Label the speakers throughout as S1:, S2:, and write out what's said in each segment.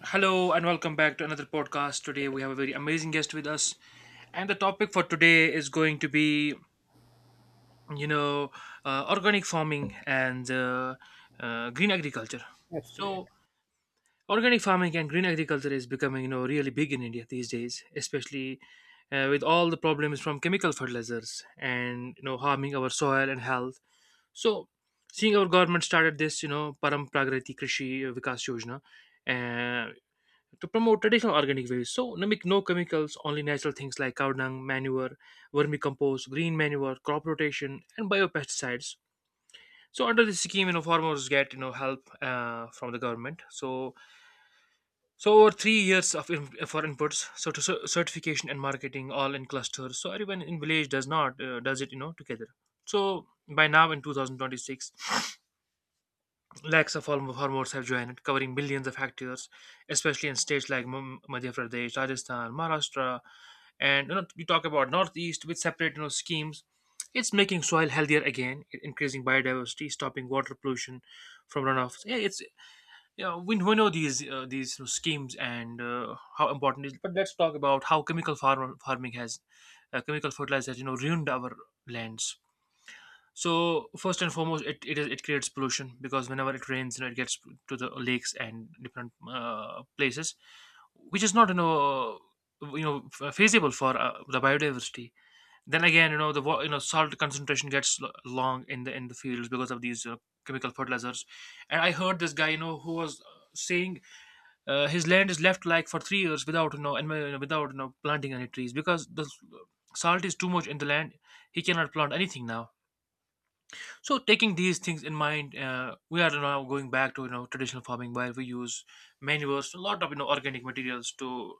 S1: Hello and welcome back to another podcast. Today we have a very amazing guest with us, and the topic for today is going to be, you know, organic farming and green agriculture.
S2: That's great.
S1: So, organic farming and green agriculture is becoming, really big in India these days, especially with all the problems from chemical fertilizers and harming our soil and health. So, seeing our government started this, Param Pragriti Krishi Vikas Yojana uh, to promote traditional organic ways. So, no, no chemicals, only natural things like cow dung, manure, vermicompost, green manure, crop rotation, and biopesticides. So, under this scheme, farmers get help from the government. So, over 3 years of for inputs, so to certification and marketing, all in clusters. So everyone in village does not does it together. So by now in 2026, lakhs of hormones have joined, covering millions of hectares, especially in states like Madhya Pradesh, Rajasthan, Maharashtra, and you talk about Northeast with separate schemes. It's making soil healthier again, increasing biodiversity, stopping water pollution from runoffs. Yeah, it's, we know these schemes and how important it is. But let's talk about how chemical fertilizer has, ruined our lands. So first and foremost, it creates pollution because whenever it rains, it gets to the lakes and different places, which is not feasible for the biodiversity. Then again, you know the wa- you know salt concentration gets long in the fields because of these chemical fertilizers. And I heard this guy who was saying his land is left like for 3 years without you know and without planting any trees because the salt is too much in the land. He cannot plant anything now, so taking these things in mind, we are now going back to traditional farming where we use manures, a lot of organic materials to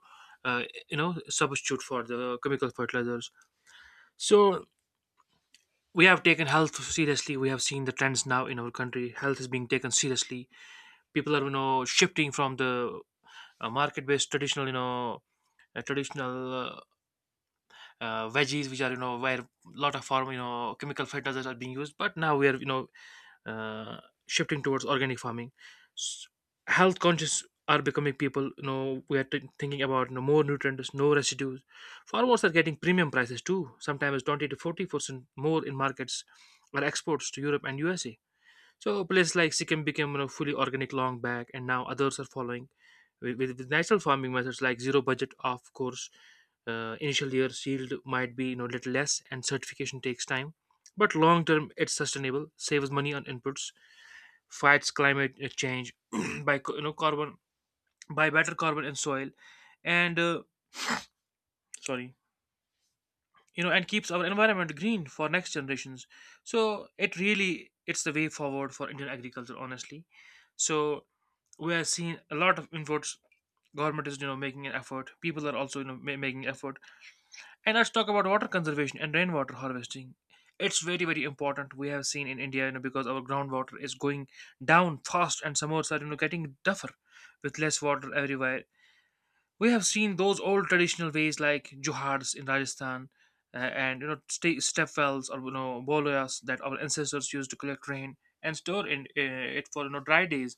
S1: uh, substitute for the chemical fertilizers. So we have taken health seriously. We have seen the trends now in our country. Health is being taken seriously. People are shifting from the market-based traditional you know traditional veggies, which are where a lot of farm you know chemical fertilizers are being used, but now we are uh, shifting towards organic farming. S- Health conscious are becoming people. You know, we are thinking about more nutrients, no residues. Farmers are getting premium prices too. Sometimes 20 to 40% more in markets or exports to Europe and USA. So places like Sikkim became, fully organic long back, and now others are following with, with natural farming methods like zero budget. Of course, initial years yield might be little less, and certification takes time. But long term, it's sustainable, saves money on inputs, fights climate change by co- you know carbon by better carbon and soil and sorry you know and keeps our environment green for next generations. So it really, it's the way forward for Indian agriculture, honestly. So we are seeing a lot of inputs. Government is making an effort, people are also making effort. And let's talk about water conservation and rainwater harvesting. It's very, very important. We have seen in India, you know, because our groundwater is going down fast and summers are, you know, getting tougher with less water everywhere. We have seen those old traditional ways like johars in Rajasthan and, you know, step wells or, you know, boloyas that our ancestors used to collect rain and store in, it for, you know, dry days.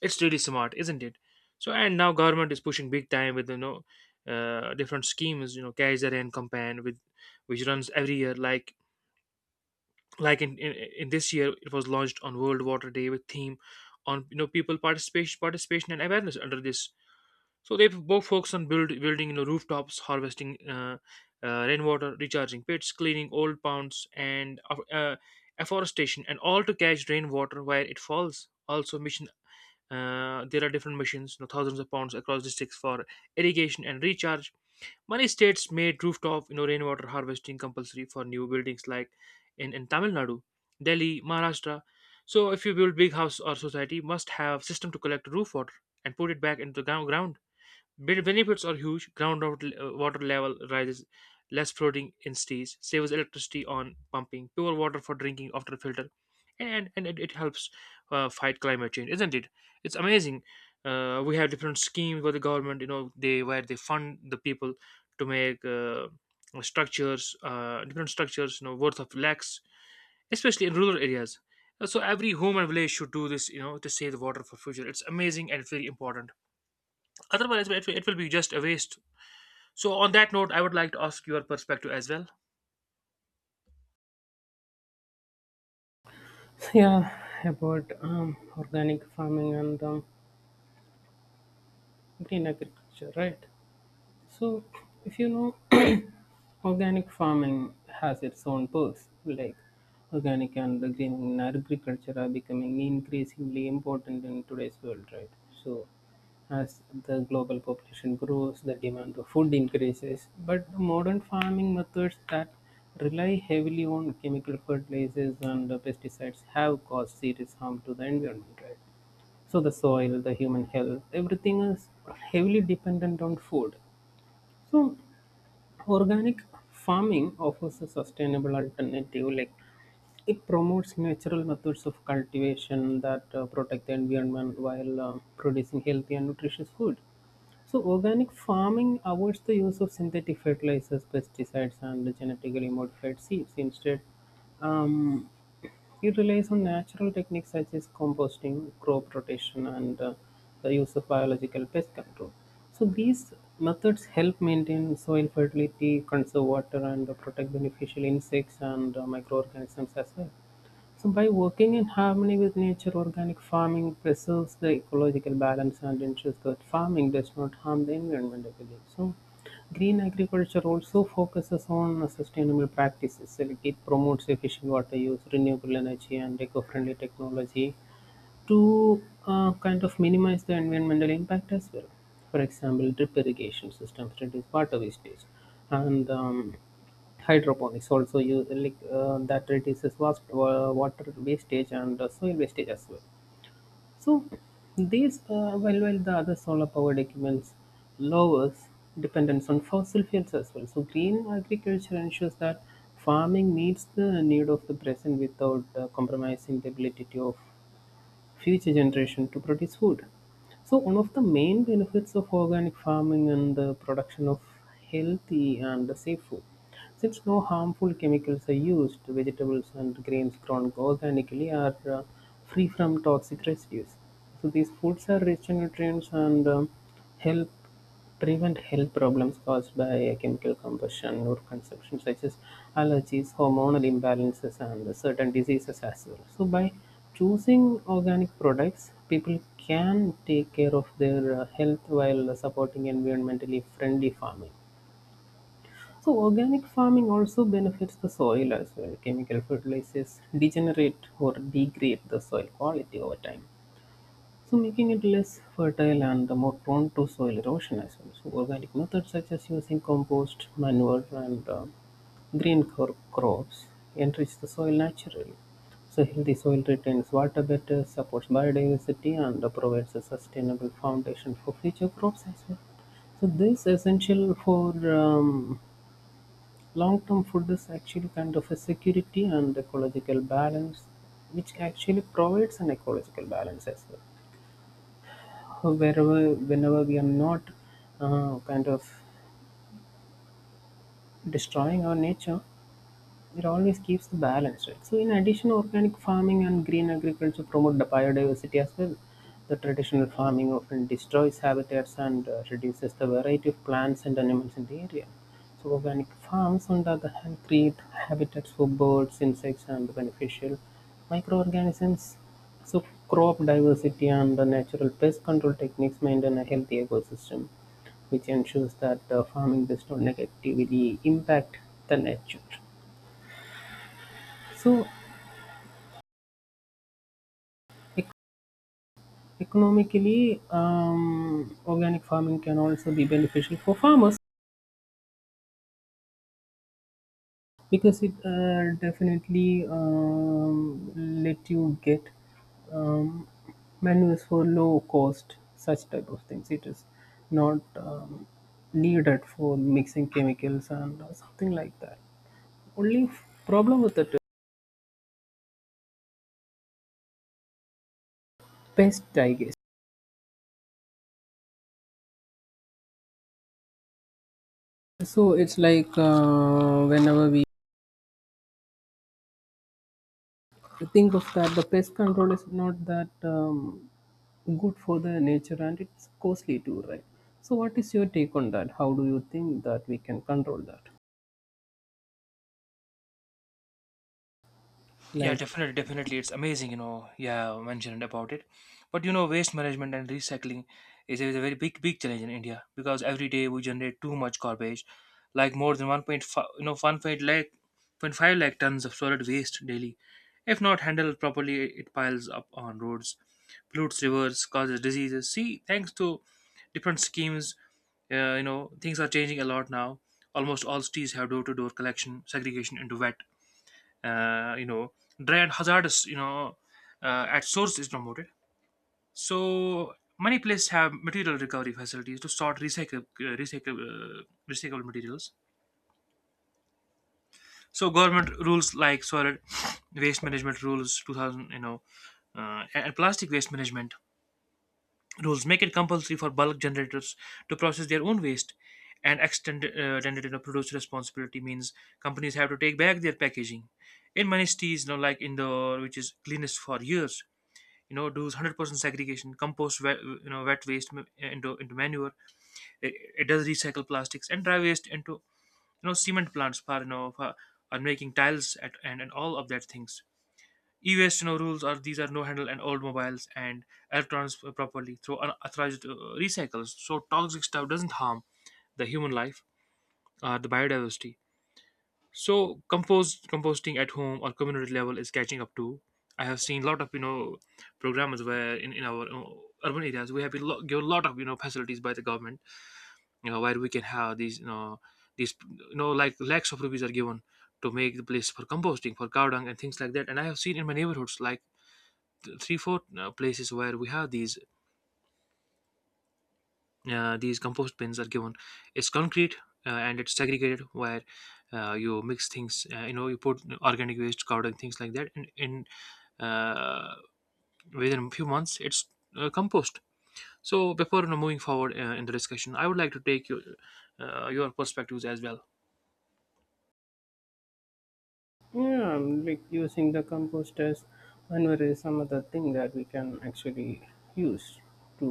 S1: It's really smart, isn't it? So and now government is pushing big time with different schemes. You know, Kaiser and Campaign with which runs every year. Like like in, in in this year, it was launched on World Water Day with theme on, you know, people participation and awareness under this. So they both focus on building, you know, rooftops, harvesting rainwater, recharging pits, cleaning old ponds, and afforestation, and all to catch rainwater where it falls. Also, Mission there are different machines, you know, thousands of pounds across districts for irrigation and recharge. Many states made rooftop, you know, rainwater harvesting compulsory for new buildings, like in Tamil Nadu, Delhi, Maharashtra. So if you build big house or society, must have system to collect roof water and put it back into the ground. Benefits are huge. Ground water level rises, less flooding in cities, saves electricity on pumping, pure water for drinking after filter, and it helps fight climate change, isn't it? It's amazing. We have different schemes where the government, you know, they fund the people to make different structures, you know, worth of lakhs, especially in rural areas. So every home and village should do this, you know, to save the water for future. It's amazing and very important, otherwise it will be just a waste. So, on that note, I would like to ask your perspective as well.
S2: So, yeah, about organic farming and green agriculture, right? So, if you know, organic farming has its own perks. Like, organic and green agriculture are becoming increasingly important in today's world, right? So, as the global population grows, the demand for food increases. But the modern farming methods that rely heavily on chemical fertilizers and the pesticides have caused serious harm to the environment, right? So, the soil, the human health, everything is heavily dependent on food, so organic farming offers a sustainable alternative. Like, it promotes natural methods of cultivation that protect the environment while producing healthy and nutritious food. So, organic farming avoids the use of synthetic fertilizers, pesticides, and genetically modified seeds. Instead, um, it relies on natural techniques such as composting, crop rotation, and the use of biological pest control. So these methods help maintain soil fertility, conserve water, and protect beneficial insects and microorganisms as well. So, by working in harmony with nature, organic farming preserves the ecological balance and ensures that farming does not harm the environment, I believe. So, green agriculture also focuses on sustainable practices. Like, it promotes efficient water use, renewable energy, and eco friendly technology to kind of minimize the environmental impact as well. For example, drip irrigation systems reduce water wastage, and hydroponics also use like that reduces vast, water wastage and soil wastage as well. So these, while well, the other solar powered equipments lowers dependence on fossil fuels as well. So green agriculture ensures that farming meets the need of the present without compromising the ability of future generation to produce food. So one of the main benefits of organic farming and the production of healthy and safe food. Since no harmful chemicals are used, vegetables and grains grown organically are free from toxic residues. So these foods are rich in nutrients and help prevent health problems caused by chemical combustion, or consumption, such as allergies, hormonal imbalances, and certain diseases as well. So, by choosing organic products, people can take care of their health while supporting environmentally friendly farming. So, organic farming also benefits the soil as well. Chemical fertilizers degenerate or degrade the soil quality over time, so making it less fertile and more prone to soil erosion as well. So organic methods such as using compost, manure, and crops enrich the soil naturally. So healthy soil retains water better, supports biodiversity, and provides a sustainable foundation for future crops as well. So this essential for long-term food is actually kind of a security and ecological balance, which actually provides an ecological balance as well wherever whenever we are not kind of destroying our nature. It always keeps the balance, right? So in addition, organic farming and green agriculture promote the biodiversity as well. The traditional farming often destroys habitats and reduces the variety of plants and animals in the area. So organic farms, on the other hand, create habitats for birds, insects, and beneficial microorganisms. So crop diversity and the natural pest control techniques maintain a healthy ecosystem, which ensures that farming does not negatively impact the nature. So, ec- economically, organic farming can also be beneficial for farmers because it definitely let you get um, menus for low cost, such type of things. It is not needed for mixing chemicals and something like that. Only problem with it is pest, I guess. So it's like whenever we think of that, the pest control is not that good for the nature, and it's costly too, right? So what is your take on that? How do you think that we can control that?
S1: Yeah,
S2: Like,
S1: definitely, definitely. It's amazing, you know, yeah, mentioned about it. But you know, waste management and recycling is a very big, big challenge in India because every day we generate too much garbage, like more than 1.5, you know, 1.5 lakh, five lakh tons of solid waste daily. If not handled properly, it piles up on roads, pollutes rivers, causes diseases. See, thanks to different schemes, you know, things are changing a lot now. Almost all cities have door-to-door collection, segregation into wet uh, you know dread hazardous, at source is promoted. So many places have material recovery facilities to sort recycle recycle recyclable materials. So government rules like solid waste management rules 2000, and plastic waste management rules make it compulsory for bulk generators to process their own waste, and extended, you know, producer responsibility means companies have to take back their packaging. In many cities, you know, like Indoor, which is cleanest for years, you know, does 100% segregation, compost wet, you know wet waste into manure. It, it does recycle plastics and dry waste into, you know, cement plants for, are making tiles at, and all of that things. E-waste, you know, rules are these are no handle and old mobiles and electrons properly through unauthorized recycles, so toxic stuff doesn't harm the human life or the biodiversity. So composting at home or community level is catching up too. I have seen a lot of, you know, programmers where in our urban areas we have been given a lot of, you know, facilities by the government. You know, where we can have these, these you know, like lakhs of rupees are given to make the place for composting for cow dung and things like that. And I have seen in my neighborhoods like 3 4 places where we have these compost bins are given. It's concrete and it's segregated, where you mix things, you know, you put organic waste covered and things like that, and in uh, within a few months it's compost. So before, you know, moving forward in the discussion, I would like to take your perspectives as well.
S2: yeah, like using the compost as manure is some other thing that we can actually use to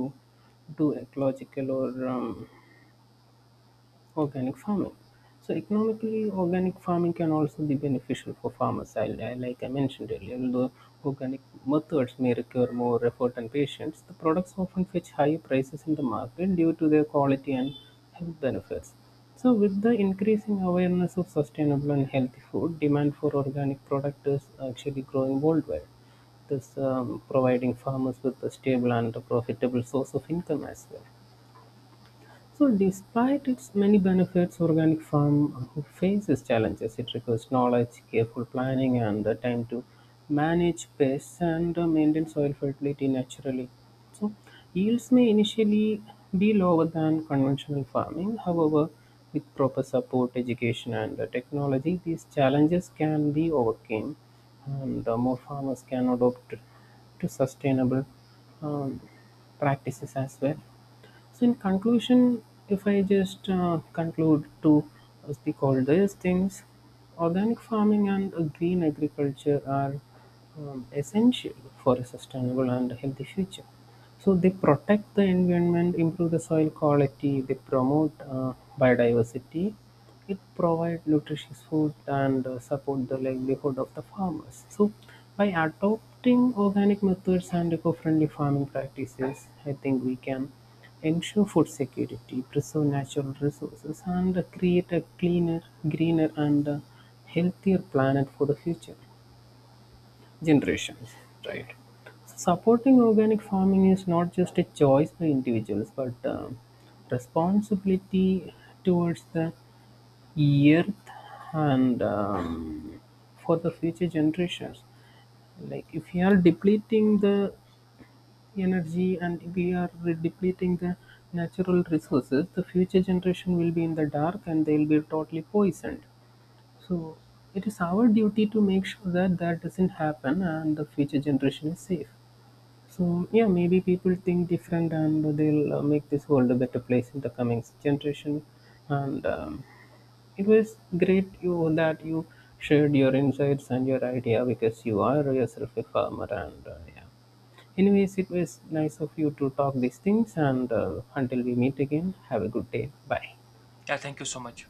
S2: do ecological or organic farming. So economically organic farming can also be beneficial for farmers. Like I mentioned earlier, although organic methods may require more effort and patience, the products often fetch higher prices in the market due to their quality and health benefits. So with the increasing awareness of sustainable and healthy food, demand for organic product is actually growing worldwide. This providing farmers with a stable and a profitable source of income as well. So, despite its many benefits, organic farm faces challenges. It requires knowledge, careful planning, and the time to manage pests and maintain soil fertility naturally. So, yields may initially be lower than conventional farming. However, with proper support, education, and technology, these challenges can be overcome, and more farmers can adopt to sustainable um, practices as well. So, in conclusion, if I just conclude to speak all these things, organic farming and green agriculture are essential for a sustainable and healthy future. So, they protect the environment, improve the soil quality, they promote biodiversity, it provides nutritious food and support the livelihood of the farmers. So, by adopting organic methods and eco-friendly farming practices, I think we can ensure food security, preserve natural resources, and create a cleaner, greener, and healthier planet for the future generations, right? Supporting organic farming is not just a choice by individuals, but responsibility towards the earth and for the future generations. Like, if we are depleting the energy and we are depleting the natural resources, the future generation will be in the dark and they will be totally poisoned. So it is our duty to make sure that that doesn't happen and the future generation is safe. So yeah, maybe people think different and they'll make this world a better place in the coming generation. And it was great you that you shared your insights and your idea because you are yourself a farmer and yeah. Anyways, it was nice of you to talk these things and until we meet again, have a good day. Bye.
S1: Yeah, thank you so much.